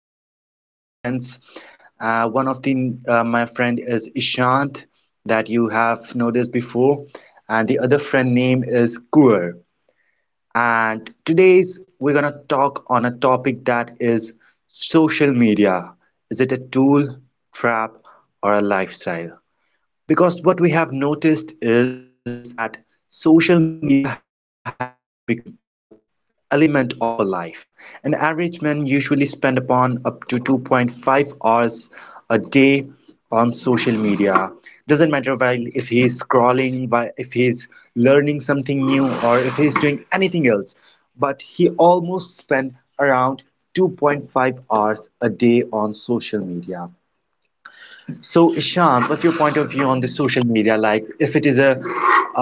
have two of my friends. One of the My friend is Ishant that you have noticed before, and the other friend name is Kuer. And today's we're gonna talk on a topic that is social media. Is it a tool, trap, or a lifestyle? Because what we have noticed is that social media has been become a element of a life. An average man usually spend upon up to 2.5 hours a day on social media, doesn't matter while if he is if he's learning something new or if he's doing anything else, but he almost spend around 2.5 hours a day on social media. So, Ishan, what's your point of view on the social media? Like, if it is a,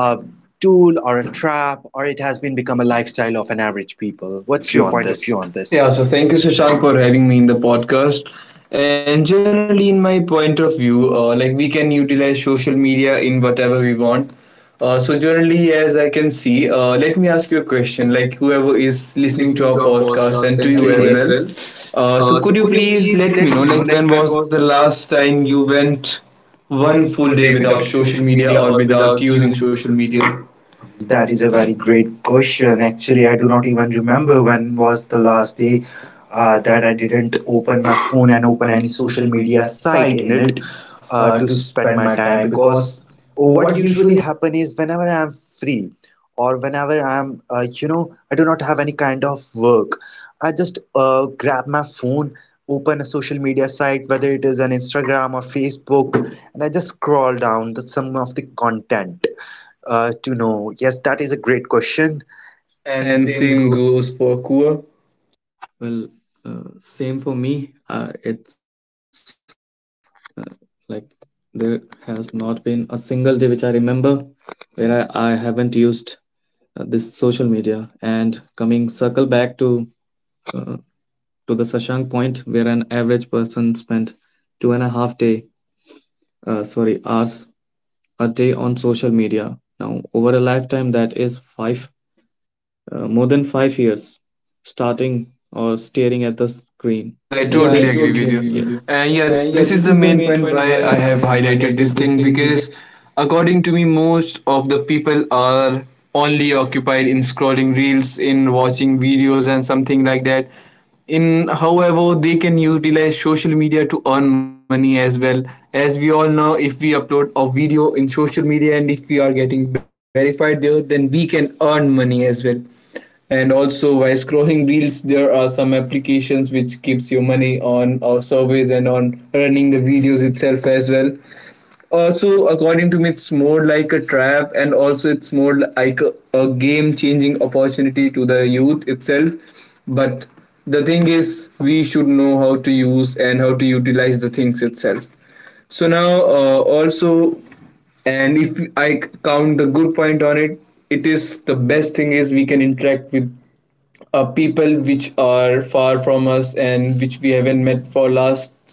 a tool or a trap, or it has been become a lifestyle of an average people? What's your Your point of point of view view on on this? this? Yeah, so thank you, Shashank, for having me in the podcast. And generally, in my point of view, like we can utilize social media in whatever we want. So generally, as I can see, let me ask you a question. Like Whoever whoever is is listening to our listening to our podcast and to podcast you, and okay, to as you. Okay, well. as well. So Uh, could you so could you please let please me know, let me like know, when like was when the was the last last time you time you went went one full one day full day without without social social media or media or without without using social using social media? media? That is a That very is a very great great question. question. Actually, I do Actually, not I do even not even remember remember when was when the was the last day last day that I that I didn't didn't open my open phone my and phone open and any open any social social media media site in site it in it to to spend my spend time. my time Because because oh, what oh, what usually usually. happen is whenever I am free or whenever I am, I do not have any kind of work, I just grab my phone, open a social media site, whether it is an Instagram or Facebook, and I just scroll down the some of the content to know? Yes, that is a great question. And same goes. And same goes for Kur. Well, same for me. It's uh, like there has not been a single day which I remember where I haven't used this social media. And coming circle back uh, to the Sashank point, where an average person spent 2.5 day, sorry, hours a day on social media. Now, over a lifetime, that is five more than 5 years starting or staring at the screen. Is Yeah, Yeah, I I this? Totally totally agree agree with with Yes. you. you. And And yeah, yeah, this this is is the the main main point point why why I I have have highlighted highlighted this this thing thing because because, according to me, most of the people are only occupied in scrolling reels, in watching videos, and something like that. In however, they can utilize social media to earn money as well. As we all know, if we upload a video in social media and if we are getting verified there, then we can earn money as well, and also while scrolling reels there are some applications which keeps your money on our surveys and on running the videos itself as well. Also, according to me, it's more like a trap, and also it's more like a game changing opportunity to the youth itself. But the thing is, we should know how to use and how to utilize the things itself. So now, also, and if I count the good point on it, it is the best thing is we can interact with people which are far from us and which we haven't met for last,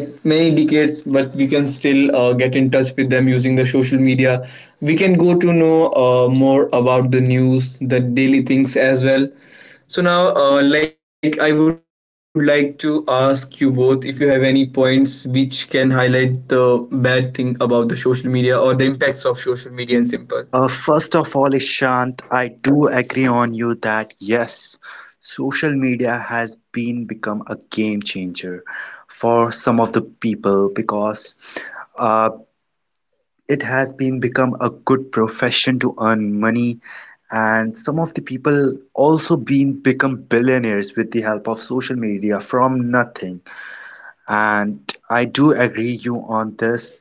like, many decades, but we can still get in touch with them using the social media. We can go to know more about the news, the daily things as well. So now, like, I would like to ask you both if you have any points which can highlight the bad thing about the social media or the impacts of social media in simple. First of all, Ishant, I do agree on you that yes, social media has been become a game changer for some of the people, because uh, it has been become a good profession to earn money, and some of the people also been become billionaires with the help of social media from nothing. And I do agree you on this.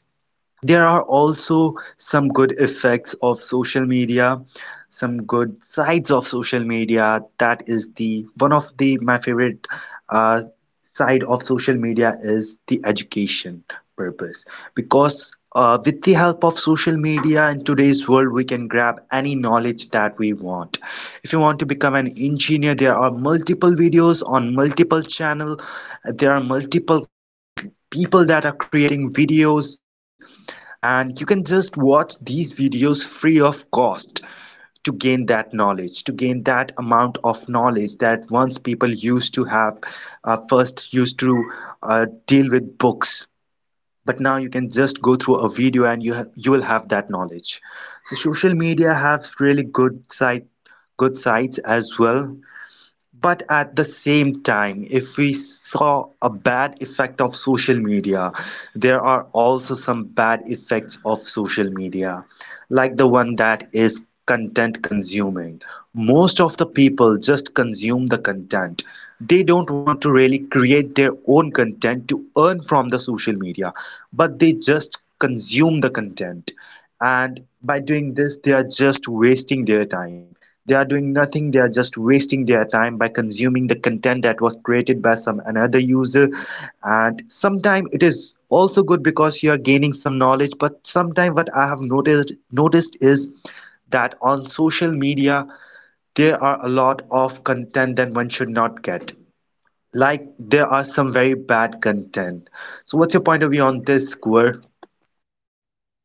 There are also some good effects of social media, some good sides of social media. That is, the one of the my favorite uh, side of social media is the education purpose, because with the help of social media in today's world, we can grab any knowledge that we want. If you want to become an engineer, there are multiple videos on multiple channel. There are multiple people that are creating videos, and you can just watch these videos free of cost to gain that knowledge, to gain that amount of knowledge that once people used to have. First used to Deal with books, but now you can just go through a video and you will have that knowledge. So social media has really good side, good sides as well. But at the same time, if we saw a bad effect of social media, there are also some bad effects of social media, like the one that is content consuming. Most of the people just consume the content. They don't want to really create their own content to earn from the social media, but they just consume the content, and by doing this they are just wasting their time. They are doing nothing, they are just wasting their time by consuming the content that was created by some another user. And sometimes it is also good because you are gaining some knowledge, but sometimes what I have noticed is that on social media there are a lot of content that one should not get, like there are some very bad content. So what's your point of view on this, Gaurav?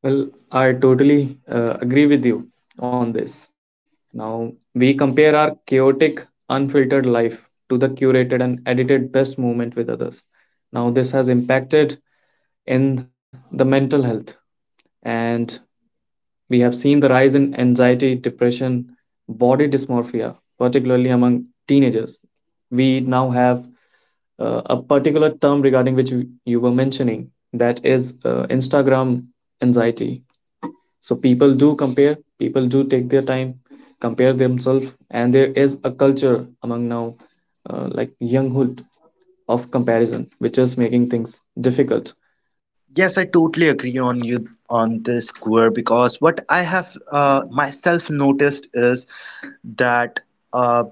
Well, I totally agree with you on this. Now, we compare our chaotic, unfiltered life to the curated and edited best moment with others. Now, this has impacted in the mental health and we have seen the rise in anxiety, depression, body dysmorphia, particularly among teenagers. We now have a particular term regarding which you were mentioning, that is Instagram anxiety. So people do compare, people do take their time, compare themselves, and there is a culture among now, like younghood, of comparison, which is making things difficult. Yes, I totally agree on you on this, Gaur, because what I have myself noticed is that uh,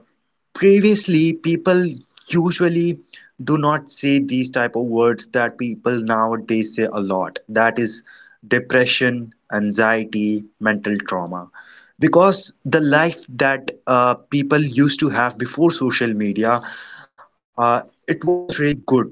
previously people usually do not say these type of words that people nowadays say a lot. That is depression, anxiety, mental trauma. Because the life that people used to have before social media, uh, it was really good.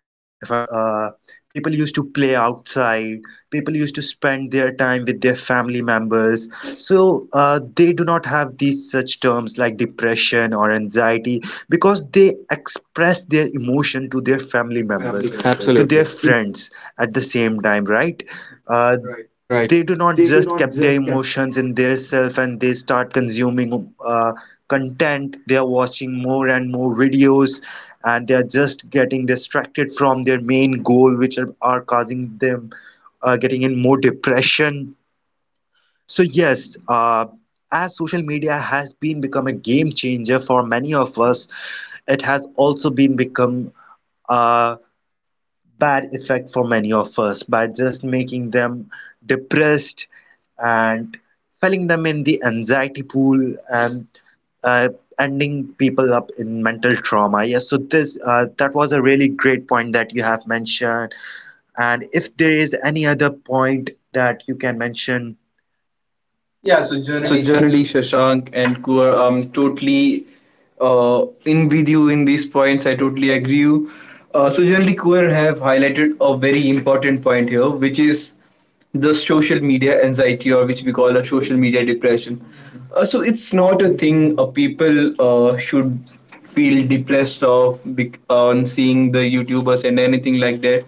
If I talk, people used to play outside, people used to spend their time with their family members. So they do not have these such terms like depression or anxiety, because they express their emotion to their Their family family members. members, absolutely, Absolutely. to To their friends at the same time, right? Uh, that. Right Right. they do They do not not just keep just their emotions in their self, and they start consuming content, they are watching more and more videos, and they are just getting distracted from their main goal, which are causing them getting in more depression. So yes, as social media has been become a game changer for many of us, it has also been become uh, bad effect for many of us by just making them depressed and filling them in the anxiety pool, and uh, ending people up in mental trauma. Yes, so this that was a really great point that you have mentioned. And if there is any other point that you can mention, yeah, so Yeah, so generally, generally, Shashank and Kuar, I'm totally in with you in these points. I totally agree you. So generally, Kuar have highlighted a very important point here, which is the social media anxiety or which we call a social media depression. So it's not a thing people should feel depressed of on seeing the YouTubers and anything like that.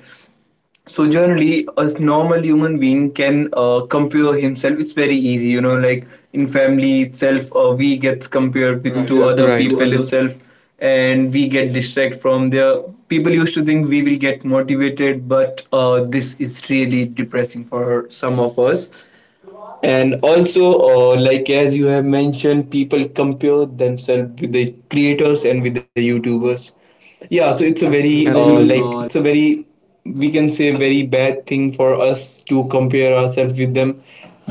So generally, a normal human being can compare himself. It's very easy, you know, like in family itself we get compared with, right, compared. to Right. other To other. people itself. And we get distracted from their people used to think we will get motivated, but this is really depressing for some of us. And also, like as you have mentioned, people compare themselves with the creators and with the YouTubers. Yeah, so it's a So it's a very Absolutely. Very like it's a very, we can say, very bad thing for us to compare ourselves with them,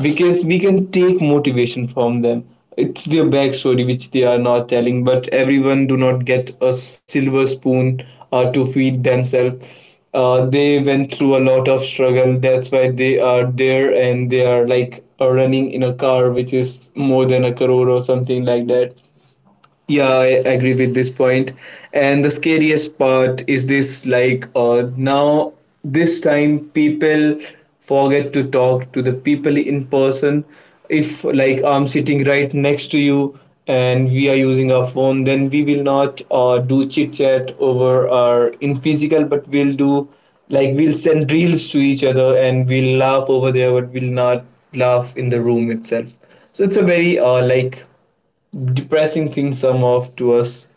because we can take motivation from them. It's their backstory which they are not telling, but everyone do not get a silver spoon to feed themselves. They went through a lot of struggle. That's why they are there and they are, like, running in a car which is more than a crore or something like that. Yeah, I agree with this point. And the scariest part is this, like, now, this time, people forget to talk to the people in person. If, like, I'm sitting right next to you and we are using our phone, then we will not do chit chat over our in physical, but we'll do, like, we'll send reels to each other and we'll laugh over there, but we'll not laugh in the room itself. So it's a very like depressing things are off to us.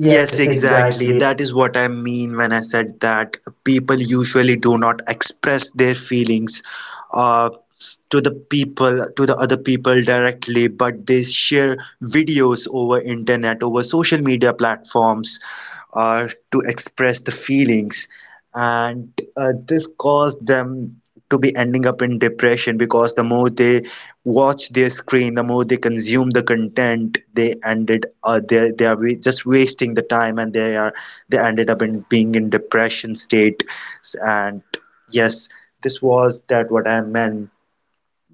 Yes, yes, exactly. exactly. That is what I mean when I said that people usually do not express their feelings uh, to the people, to the other people directly, but they share videos over internet, over social media platforms to express the feelings. And this caused them to be ending up in depression, because the more they watch their screen, the more they consume the content, they are just wasting the time, and they are they ended up in being in depression state, and yes, this was that what I meant.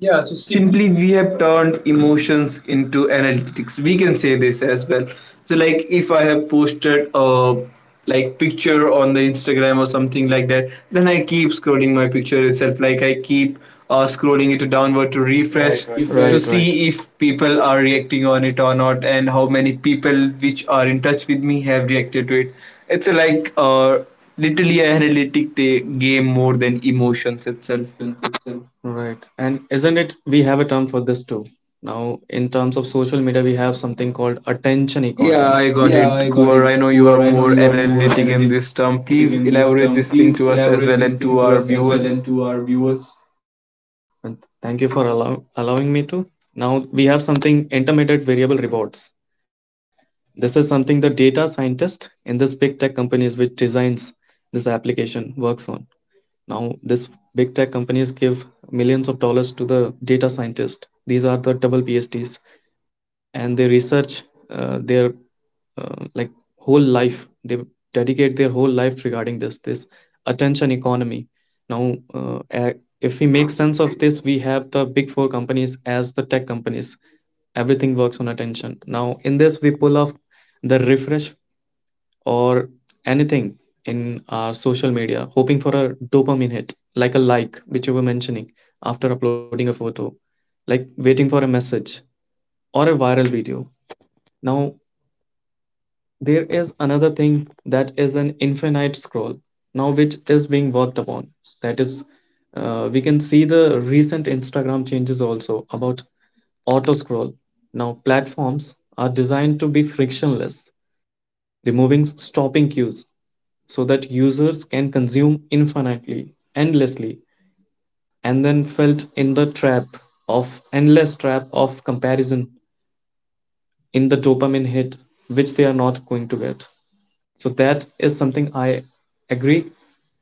Yeah, so so simple. simply we have turned emotions into analytics. We can say this as well. So like if I have posted a, like, picture on the Instagram or something like that, then I keep scrolling my picture itself. Like I keep scrolling it downward to downward to refresh, right, right, refresh Right, to right, see if people are reacting on it or not, and how many people which are in touch with me have reacted to it. It's like literally an analytic game more than emotions itself. itself. Right. And isn't it we have a term for this too? Now, in terms of social media, we have something called attention economy. Yeah, I Yeah, got I it. got it, Kuwar, I know Kuar. you I are know you more are more analytic in analytic this in this term. term. Please Please elaborate this elaborate thing this to thing us to as us well as and well to and our to our viewers. viewers. And thank you for allowing me to. Now, we have something intermittent variable rewards. This is something the data scientist in this big tech companies which designs this application works on. Now, this big tech companies give millions of dollars to the data scientist. These are the double PhDs and they research their like whole life, they dedicate their whole life regarding this attention economy. Now if we make sense of this, we have the big four companies as the tech companies. Everything works on attention. Now in this we pull off the refresh or anything in our social media, hoping for a dopamine hit, like a like which you were mentioning, after uploading a photo, like waiting for a message or a viral video. Now, there is another thing, that is an infinite scroll, now which is being worked upon. That is, we can see the recent Instagram changes also about auto scroll. Now, platforms are designed to be frictionless, removing stopping cues so that users can consume infinitely, endlessly, and then felt in the trap of endless trap of comparison in the dopamine hit which they are not going to get. So that is something I agree.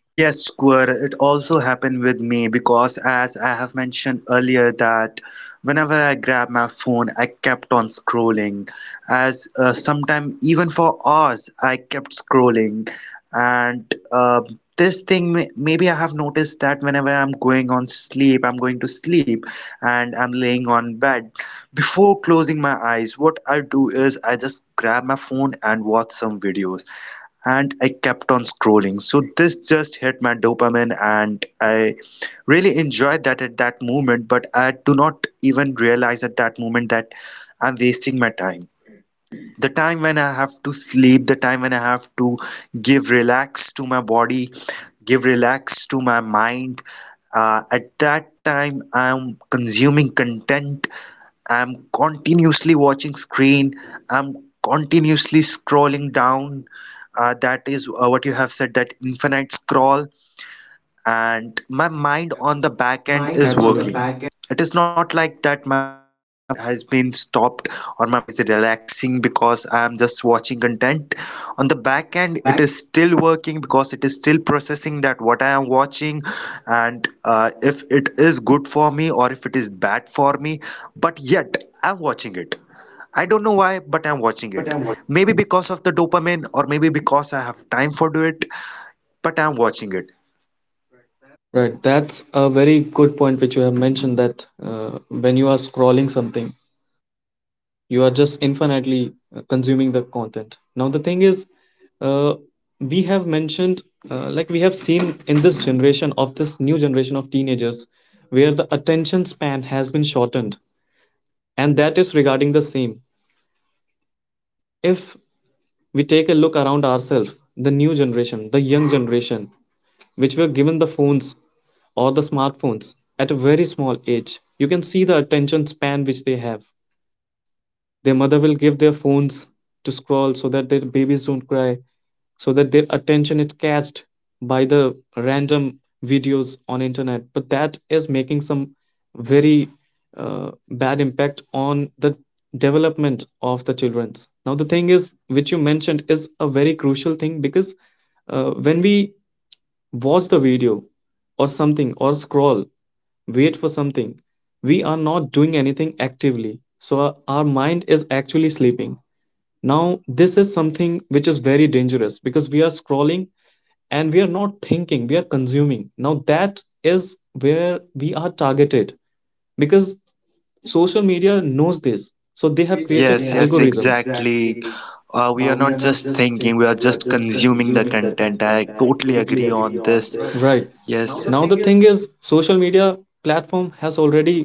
Yes, Square, it also happened with me, because as I have mentioned earlier that whenever I grabbed my phone, I kept on scrolling. As sometime even for hours, I kept scrolling. And this thing, maybe I have noticed that whenever I'm going on sleep, I'm going to sleep and I'm laying on bed. Before closing my eyes, what I do is I just grab my phone and watch some videos, and I kept on scrolling. So this just hit my dopamine, and I really enjoyed that at that moment. But I do not even realize at that moment that I'm wasting my time. The time when I have to sleep, the time when I have to give relax to my body, give relax to my mind. At that time, I'm consuming content, I'm continuously watching screen. I'm continuously scrolling down. That is what you have said, that infinite scroll, and my The mind on mind absolutely on the the back Absolutely. end Back is end, working. It is not like that my mind has been stopped or my mind is relaxing because I am just watching content. On on the the back. back end, it is still working, because it is still processing that what I am watching and if it is good for me or if it is bad for me. But yet, I'm watching it. I I Right. don't don't know why, know. but I'm watching it. Maybe because of the dopamine, or maybe because I have time for do it, but I'm watching it. Right. That's a very good point which you have mentioned, that when you are scrolling something, you are just infinitely consuming the content. Now, the thing is, uh, we have mentioned, like we have seen in this generation of this new generation of teenagers, where the attention span has been shortened, and that is regarding the same. If we take a look around ourselves, the new generation, the young generation, which were given the phones or the smartphones at a very small age, you can see the attention span which they have. Their mother will give their phones to scroll so that their babies don't cry, so that their attention is catched by the random videos on internet. But that is making some very bad impact on the development of the childrens. Now the thing is, which you mentioned, is a very crucial thing because when we watch the video or something, or scroll, wait for something, we are not doing anything actively, so our mind is actually sleeping. Now this is something which is very dangerous because we are scrolling and we are not thinking, we are consuming. Now that is where we are targeted, because social media knows this, They so they have have pages, created Yes, yes, yes, yes, already, algorithm exactly. exactly. We are We not are not just just thinking, we are thinking, we are just just consuming the consuming the content. content. I I totally totally agree agree on on this. Right. this. Now Right yes, the now, Yes, the thing is, thing is, social media platform has already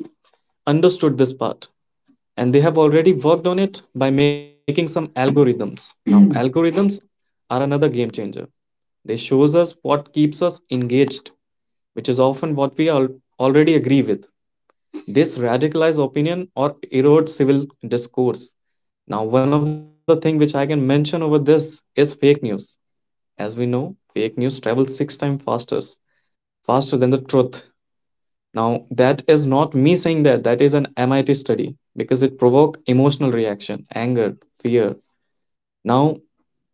understood this part, and they have already worked on it by making some algorithms. Now algorithms are another game changer. They shows us what keeps us engaged, which is often what we all already agree with, this radicalized opinion or erode civil discourse. Now, one of the things which I can mention over this is fake news. As we know, fake news travels six times faster than the truth. Now, that is not me saying that. That is an MIT study, because it provoke emotional reaction, anger, fear. Now,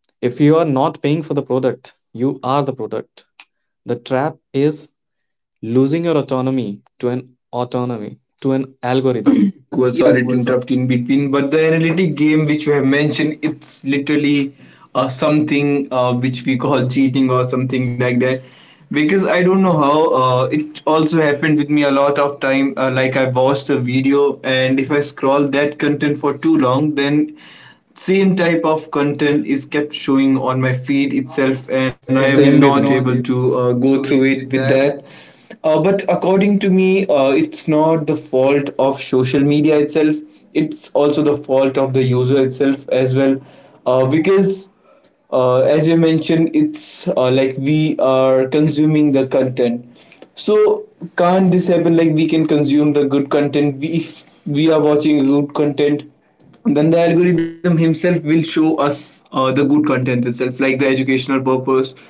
if you are not paying for the product, you are the product. The trap is losing your autonomy to an algorithm. Yeah, go Yeah. sorry to interrupt in between, but the analytic game which you have mentioned, it's literally something which we call cheating or something like that. Because I don't know how it also happened with me a lot of time. Like I watched a video, and if I scroll that content for too long, then same type of content is kept showing on my feed itself, and Itself I and am Same not with me. able North to go go through through it it with with that that. But according to me, it's not the fault of social media itself. It's also the fault of the user itself as well, because as you mentioned, it's like we are consuming the content. So can't this happen? Like we can consume the good content. We, if we are watching good content, then the algorithm himself will show us the good content itself, like the educational purpose.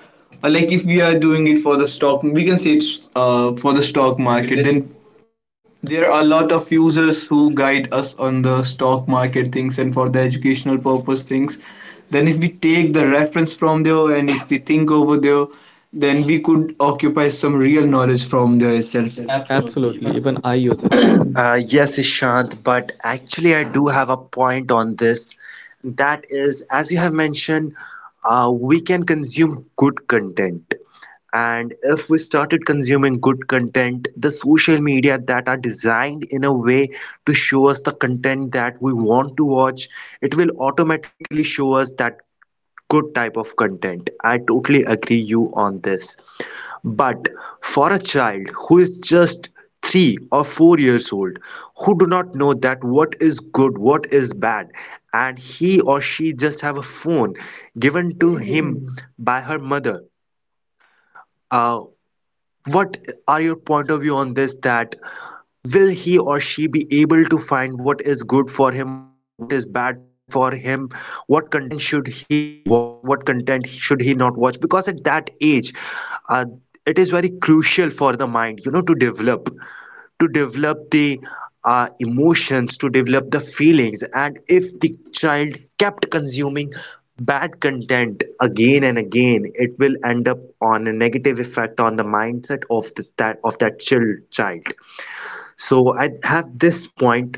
Like if we are doing it for the stock, we can say it's for the stock market. market. Then Then there are a lot of users who guide us on the stock market things and for the educational purpose things. Then if we take the reference from there and if we think over there, then we could occupy some real knowledge from there Asia itself. itself. slowly, even Absolutely, I even use I use it. it. Yes, Ishant, but actually, I do have a point on this. That is, as you have mentioned, we can consume good content. And if we started consuming good content, the social media that are designed in a way to show us the content that we want to watch, it will automatically show us that good type of content. I totally agree you on this. But for a child who is just 3 or 4 years old, who do not know that what is good, what is bad, and he or she just have a phone given to him by her mother, uh, what are your point of view on this, that will he or she be able to find what is good for him or what is bad for him? What content should he watch? What content should he not watch? Because at that age, uh, it is very crucial for the mind, you know, to develop to develop the emotions, to develop the feelings. And if the child kept consuming bad content again and again, it will end up on a negative effect on the mindset of the, that of that child child So at this point,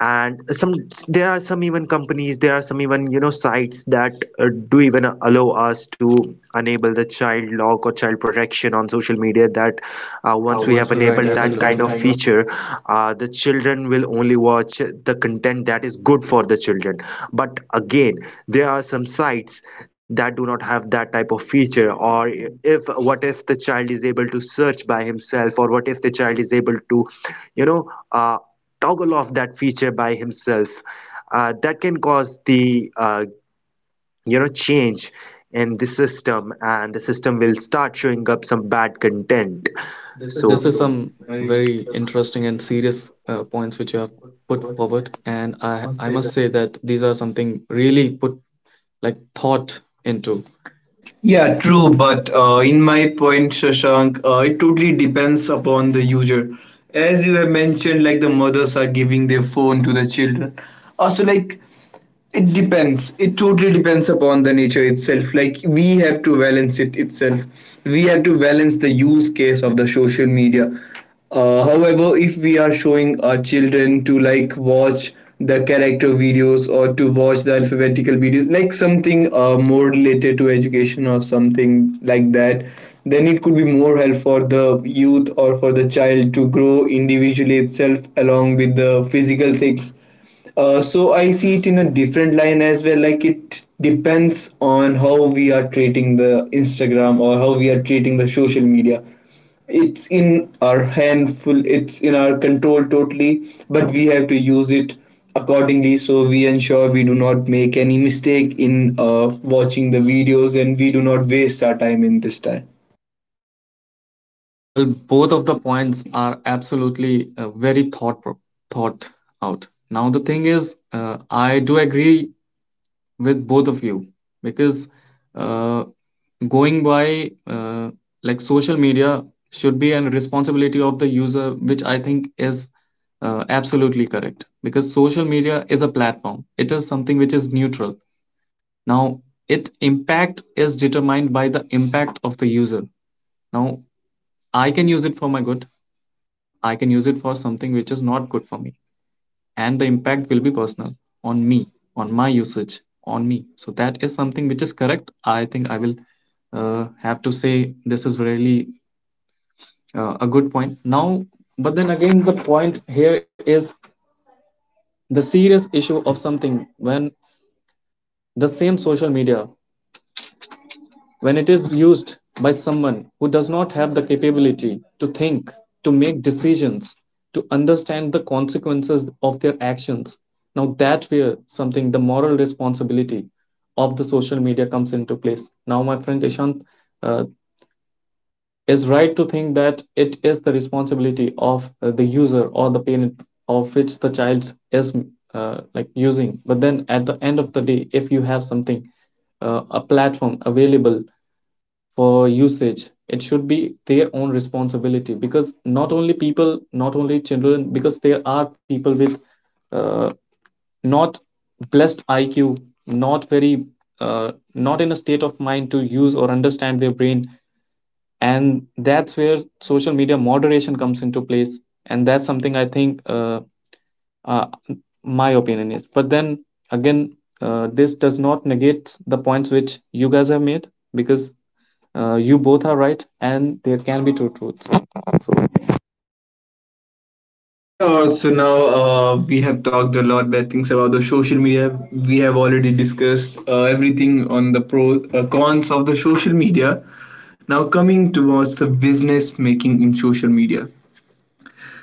and some there are some even companies, there are some even, you know, sites that do even allow us to enable the child lock or child protection on social media. That once we Once have we Right, have Right, enabled enabled that that kind absolutely. of Kind of feature, the children will only watch the content that is good for the children. But again, there are some sites that do not have that type of feature. Or if what if the child is able to search by himself, or what if the child is able to, you know, uh, toggle off that feature by himself, that can cause the uh, you know, change in the system, and the system will start showing up some bad content. This is so some Some Some very very. very interesting and interesting and serious serious point which you points which you have put put forward, forward, and and I I must I say that. must say that these are something really put like thought into. Yeah, true, but in my point, Shashank, it totally depends upon the user. As you have mentioned, like the mothers are giving their phone to the children. Also, like, it depends. It totally depends upon the nature itself. Like we have to balance it itself. We have to balance the use case of the social media. However, if we are showing our children to, like, watch the character videos or to watch the alphabetical videos, like something more related to education or something like that, then it could be more help for the youth or for the child to grow individually itself along with the physical things. So I see it in a different line as well. Like it depends on how we are treating the Instagram or how we are treating the social media. It's in our handful. It's in our control totally, but we have to use it accordingly. So we ensure we do not make any mistake in watching the videos, and we do not waste our time in this time. Well, both of the points are absolutely very thought out. Now the thing is, uh, I do agree with both of you because uh, going by like social media should be a responsibility of the user, which I think is absolutely correct, because social media is a platform, it is something which is neutral. Now its impact is determined by the impact of the user. Now I can use it for my good, I can use it for something which is not good for me, and the impact will be personal on me, on my usage, on me. So that is something which is correct. I think I will have to say this is really a good point. Now, but then again, the point here is the serious issue of something when the same social media, when it is used by someone who does not have the capability to think, to make decisions, to understand the consequences of their actions. Now that's where something the moral responsibility of the social media comes into place. Now my friend Ishant uh, is right to think that it is the responsibility of the user or the parent of which the child is like using. But then at the end of the day, if you have something a platform available for usage, it should be their own responsibility, because not only people, not only children, because there are people with uh, not blessed IQ, not very not in a state of mind to use or understand their brain. And that's where social media moderation comes into place. And that's something I think uh, my opinion is. But then again, this does not negate the points which you guys have made, because you both are right, and there can be two truths. Yeah, so now, we have talked a lot bad things about the social media. We have already discussed everything on the pros, cons of the social media. Now coming towards the business making in social media,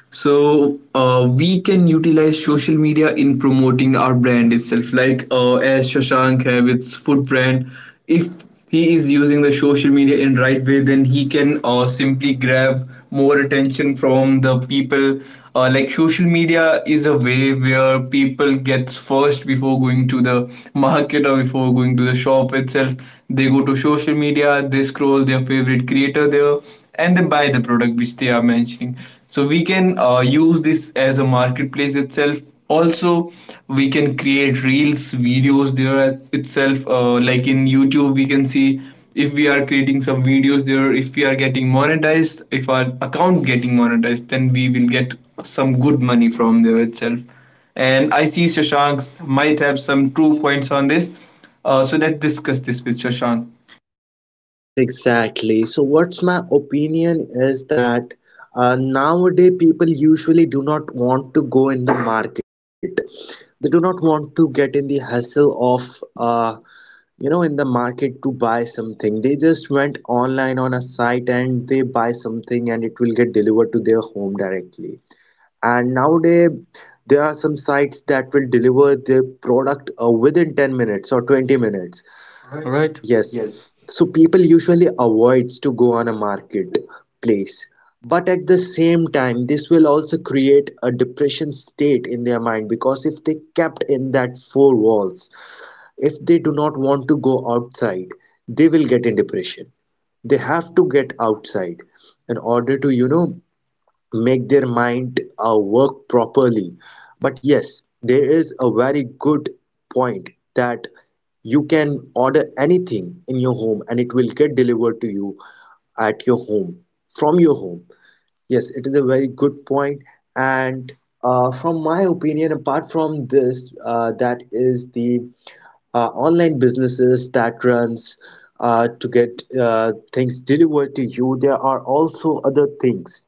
so we can utilize social media in promoting our brand itself, like, as Shashank have its food brand, if he is using the social media in right way, then he can simply grab more attention from the people. Like social media is a way where people gets first before going to the market or before going to the shop itself. They go to social media, they scroll their favorite creator there, and they buy the product which they are mentioning. So we can use this as a marketplace itself. Also, we can create reels videos there itself, like in YouTube we can see, if we are creating some videos there, if we are getting monetized, if our account getting monetized, then we will get some good money from there itself. And I see Shashank might have some true points on this. So let's discuss this with Shashank. Yes, exactly. So what's my opinion is that nowadays people usually do not want to go in the market. They do not want to get in the hassle of uh, you know, in the market, to buy something. They just went online on a site and they buy something, and it will get delivered to their home directly. And nowadays there are some sites that will deliver their product within 10 minutes or 20 minutes. Right. All right. Yes. Yes. So people usually avoids to go on a market place. But at the same time, this will also create a depression state in their mind, because if they kept in that four walls, if they do not want to go outside, they will get in depression. They have to get outside in order to, you know, make their mind work properly. But yes, there is a very good point that you can order anything in your home and it will get delivered to you at your home, from your home. Yes, it is a very good point. And from my opinion, apart from this, that is the online businesses that runs to get things delivered to you. There are also other things,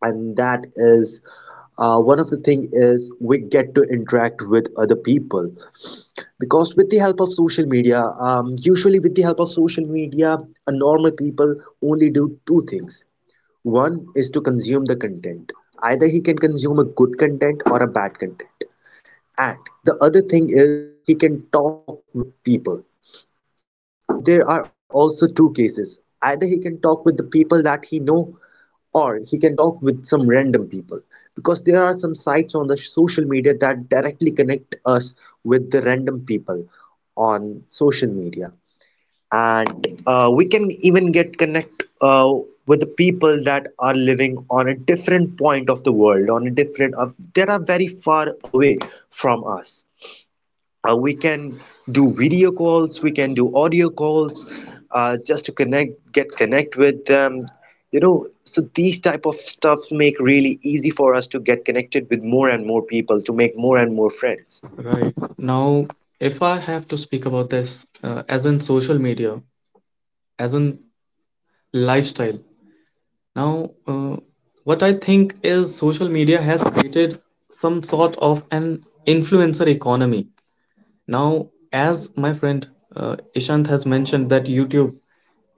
and that is one of the thing is we get to interact with other people. Because with the help of social media, usually with the help of social media, a normal people only do two things. One is to consume the content. Either he can consume a good content or a bad content. And the other thing is he can talk with people. Now there are also two cases. Either he can talk with the people that he know, or he can talk with some random people, because there are some sites on the social media that directly connect us with the random people on social media. And we can even get connect with the people that are living on a different point of the world, on a different, of that are very far away from us. Uh, we can do video calls, we can do audio calls, just to connect, get connect with them, you know. So these type of stuff make really easy for us to get connected with more and more people, to make more and more friends. Right. Now, if I have to speak about this as in social media, as in lifestyle, now what I think is social media has created some sort of an influencer economy. Now, as my friend Ishant has mentioned that YouTube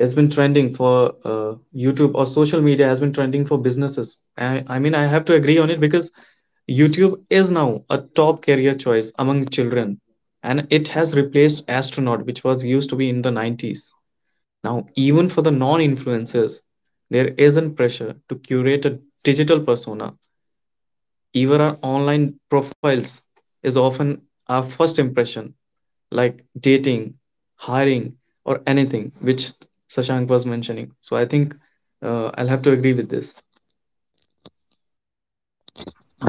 has been trending for YouTube or social media has been trending for businesses. I mean, I have to agree on it because YouTube is now a top career choice among children, and it has replaced astronaut, which was used to be in the 90s. Now, even for the non influencers, there isn't pressure to curate a digital persona. Even our online profiles is often our first impression, like dating, hiring, or anything, which Sashank was mentioning. So I think I'll have to agree with this.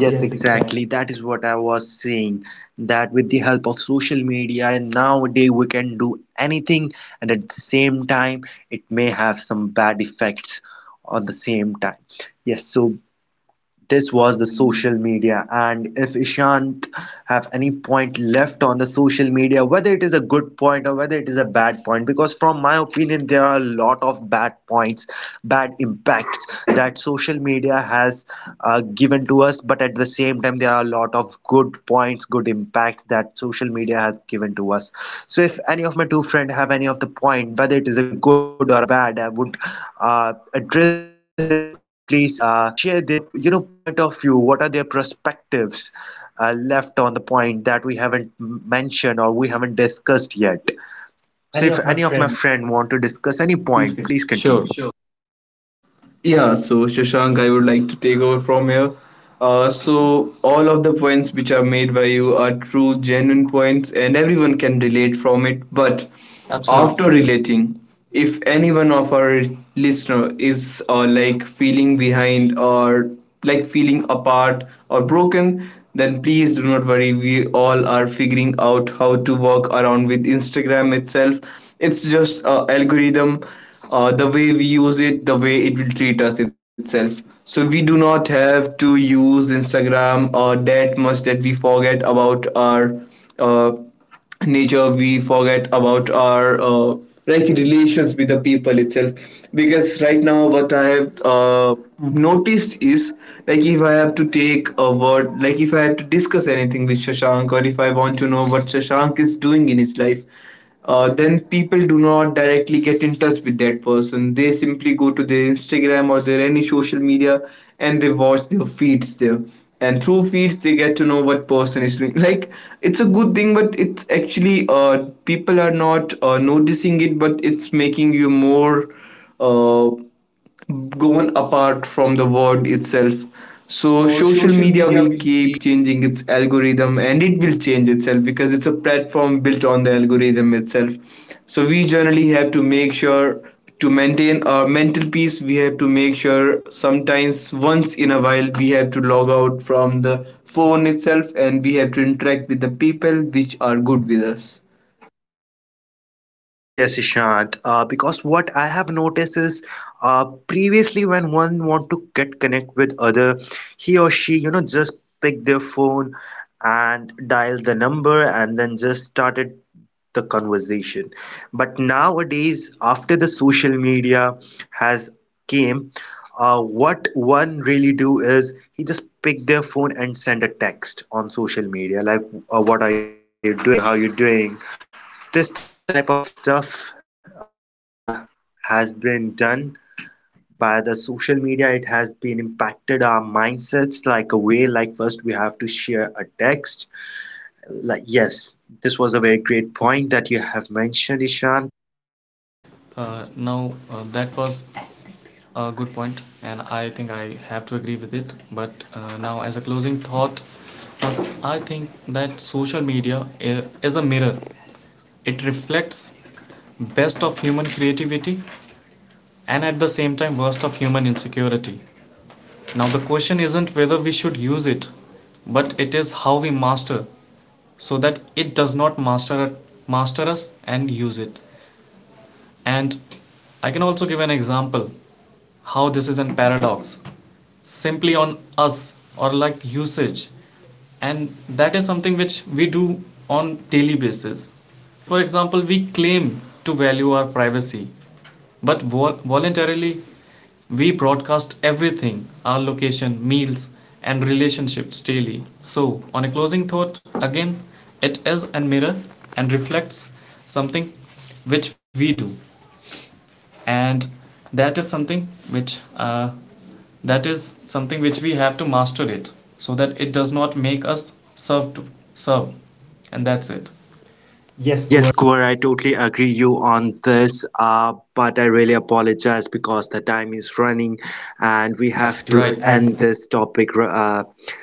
Yes, exactly. exactly. That is what I was saying. That with the help of social media and nowadays we can do anything, and at the same time, it may have some bad effects on the same time. Yes, so this was the social media. And if Ishant have any point left on the social media, whether it is a good point or whether it is a bad point, because from my opinion, there are a lot of bad points, bad impacts that social media has given to us, but at the same time, there are a lot of good points, good impacts that social media has given to us. So if any of my two friend have any of the point, whether it is a good or a bad, I would address them to please share their, you know, point of view. What are their perspectives left on the point that we haven't mentioned or we haven't discussed yet? So if any So if of my any of friends. my friend want to discuss any Please point, continue. please continue. Sure. Yeah, so Shashank, I would like to take over from here. So all of the points which are made by you are true, genuine points, and everyone can relate from it. But, absolutely, after Absolutely. After relating, if any one of our listener is, like, feeling behind or like feeling apart or broken, then please do not worry. We all are figuring out how to work around with Instagram itself. It's just a algorithm. The way we use it, the way it will treat us itself. So we do not have to use Instagram that much that we forget about our uh, nature. We forget about our, like, relations with the people itself. Because right now, what I have noticed is, like, if I have to take a word, like if I have to discuss anything with Shashank, or if I want to know what Shashank is doing in his life, then people do not directly get in touch with that person. They simply go to their Instagram or their any social media and they watch their feeds there. And through feeds, they get to know what person is doing. Like, it's a good thing, but it's actually, people are not noticing it, but it's making you more uh, gone apart from the word itself. So So social social media will media will keep keep. changing its algorithm, and it will change itself because it's a platform built on the algorithm itself. So we generally have to make sure to maintain our mental peace. We have to make sure sometimes, once in a while, we have to log out from the phone itself, and we have to interact with the people which are good with us. Yes, Ishant. Because what I have noticed is, previously when one want to get connect with other, he or she, you know, just pick their phone and dial the number and then just started the conversation. But nowadays, after the social media has came, what one really do is he just pick their phone and send a text on social media, like, what are you doing? How you doing? This type of stuff. Has been done by the social media. It has been impacted our mindsets like a way, like first we have to share a text. Like, yes, this was a very great point that you have mentioned, Ishan. Now, that was a good point, and I think I have to agree with it. But now, as a closing thought, uh, I think that social media i- is a mirror. It reflects best of human creativity, and at the same time worst of human insecurity. Now, the question isn't whether we should use it, but it is how we master so that it does not master, master us and use it. And I can also give an example how this is a paradox simply on us or like usage, and that is something which we do on daily basis. For example, we claim to value our privacy, but voluntarily we broadcast everything, our location, meals, and relationships daily. So on a closing thought again, it is a mirror and reflects something which we do, and that is something which uh, that is something which we have to master it so that it does not make us serve to serve. And that's it. Yes, go Yes, core I totally agree you on this. Uh, but I really apologize, because the time is running and we have to. have to, Right. right, And end this topic. Uh,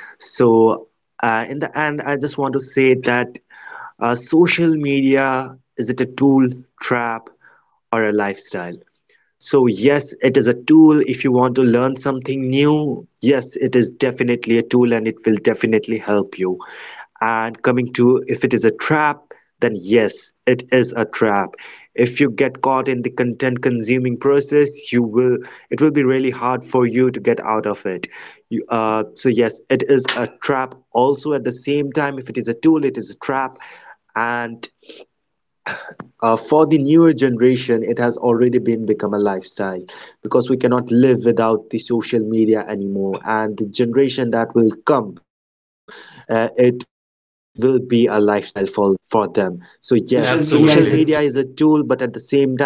so, in the end, I just want to say that social media, is it a tool, trap, or a lifestyle? So, yes, it is a tool. If you want to learn something new, yes, it is definitely a tool and it will definitely help you. And coming to if it is a trap, then yes, it is a trap. If you get caught in the content consuming process, you will, it will be really hard for you to get out of it. So yes, it is a trap also. At the same time, if it is a tool, it is a trap, and for the newer generation, it has already been become a lifestyle, because we cannot live without the social media anymore. And the generation that will come, it will be a lifestyle for them. So yes, social social media Absolutely. Media is is a Absolutely. A tool, but at the same time, it is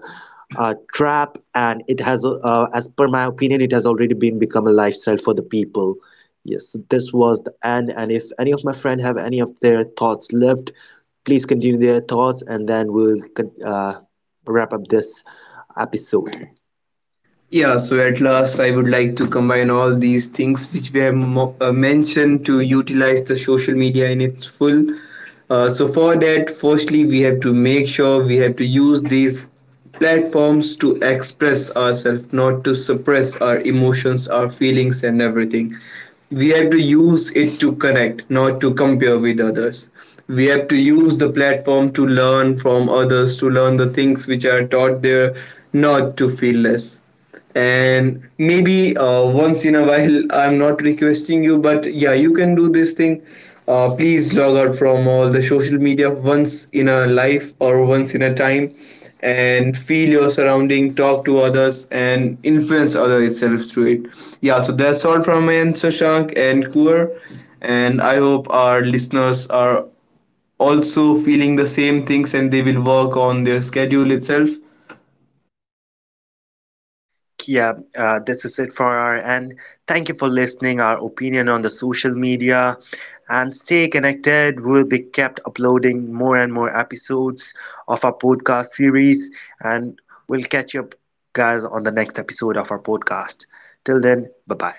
a trap, and it has, as per my opinion, it has already been become a lifestyle for the people. Yes, so this was the end. And if any of my friend have any of their thoughts left, please continue their thoughts, and then we'll wrap up this episode. Yeah, so at last, I would like to combine all these things which we have mentioned to utilize the social media in its full. For that, firstly, we have to make sure we have to use these platforms to express ourselves, not to suppress our emotions, our feelings, and everything. We have to use it to connect, not to compare with others. We have to use the platform to learn from others, to learn the things which are taught there, not to feel less. And maybe, once in a while, I'm not requesting you, but yeah, you can do this thing. Please log out from all the social media once in a life or once in a time, and feel your surrounding, talk to others, and influence other itself through it. Yeah, so that's all from my end, Shashank and Kuer. And I hope our listeners are also feeling the same things, and they will work on their schedule itself. Yeah, this is it for our end. Thank you for listening our opinion on the social media, and stay connected. We'll be kept uploading more and more episodes of our podcast series, and we'll catch you up guys on the next episode of our podcast. Till then, bye-bye.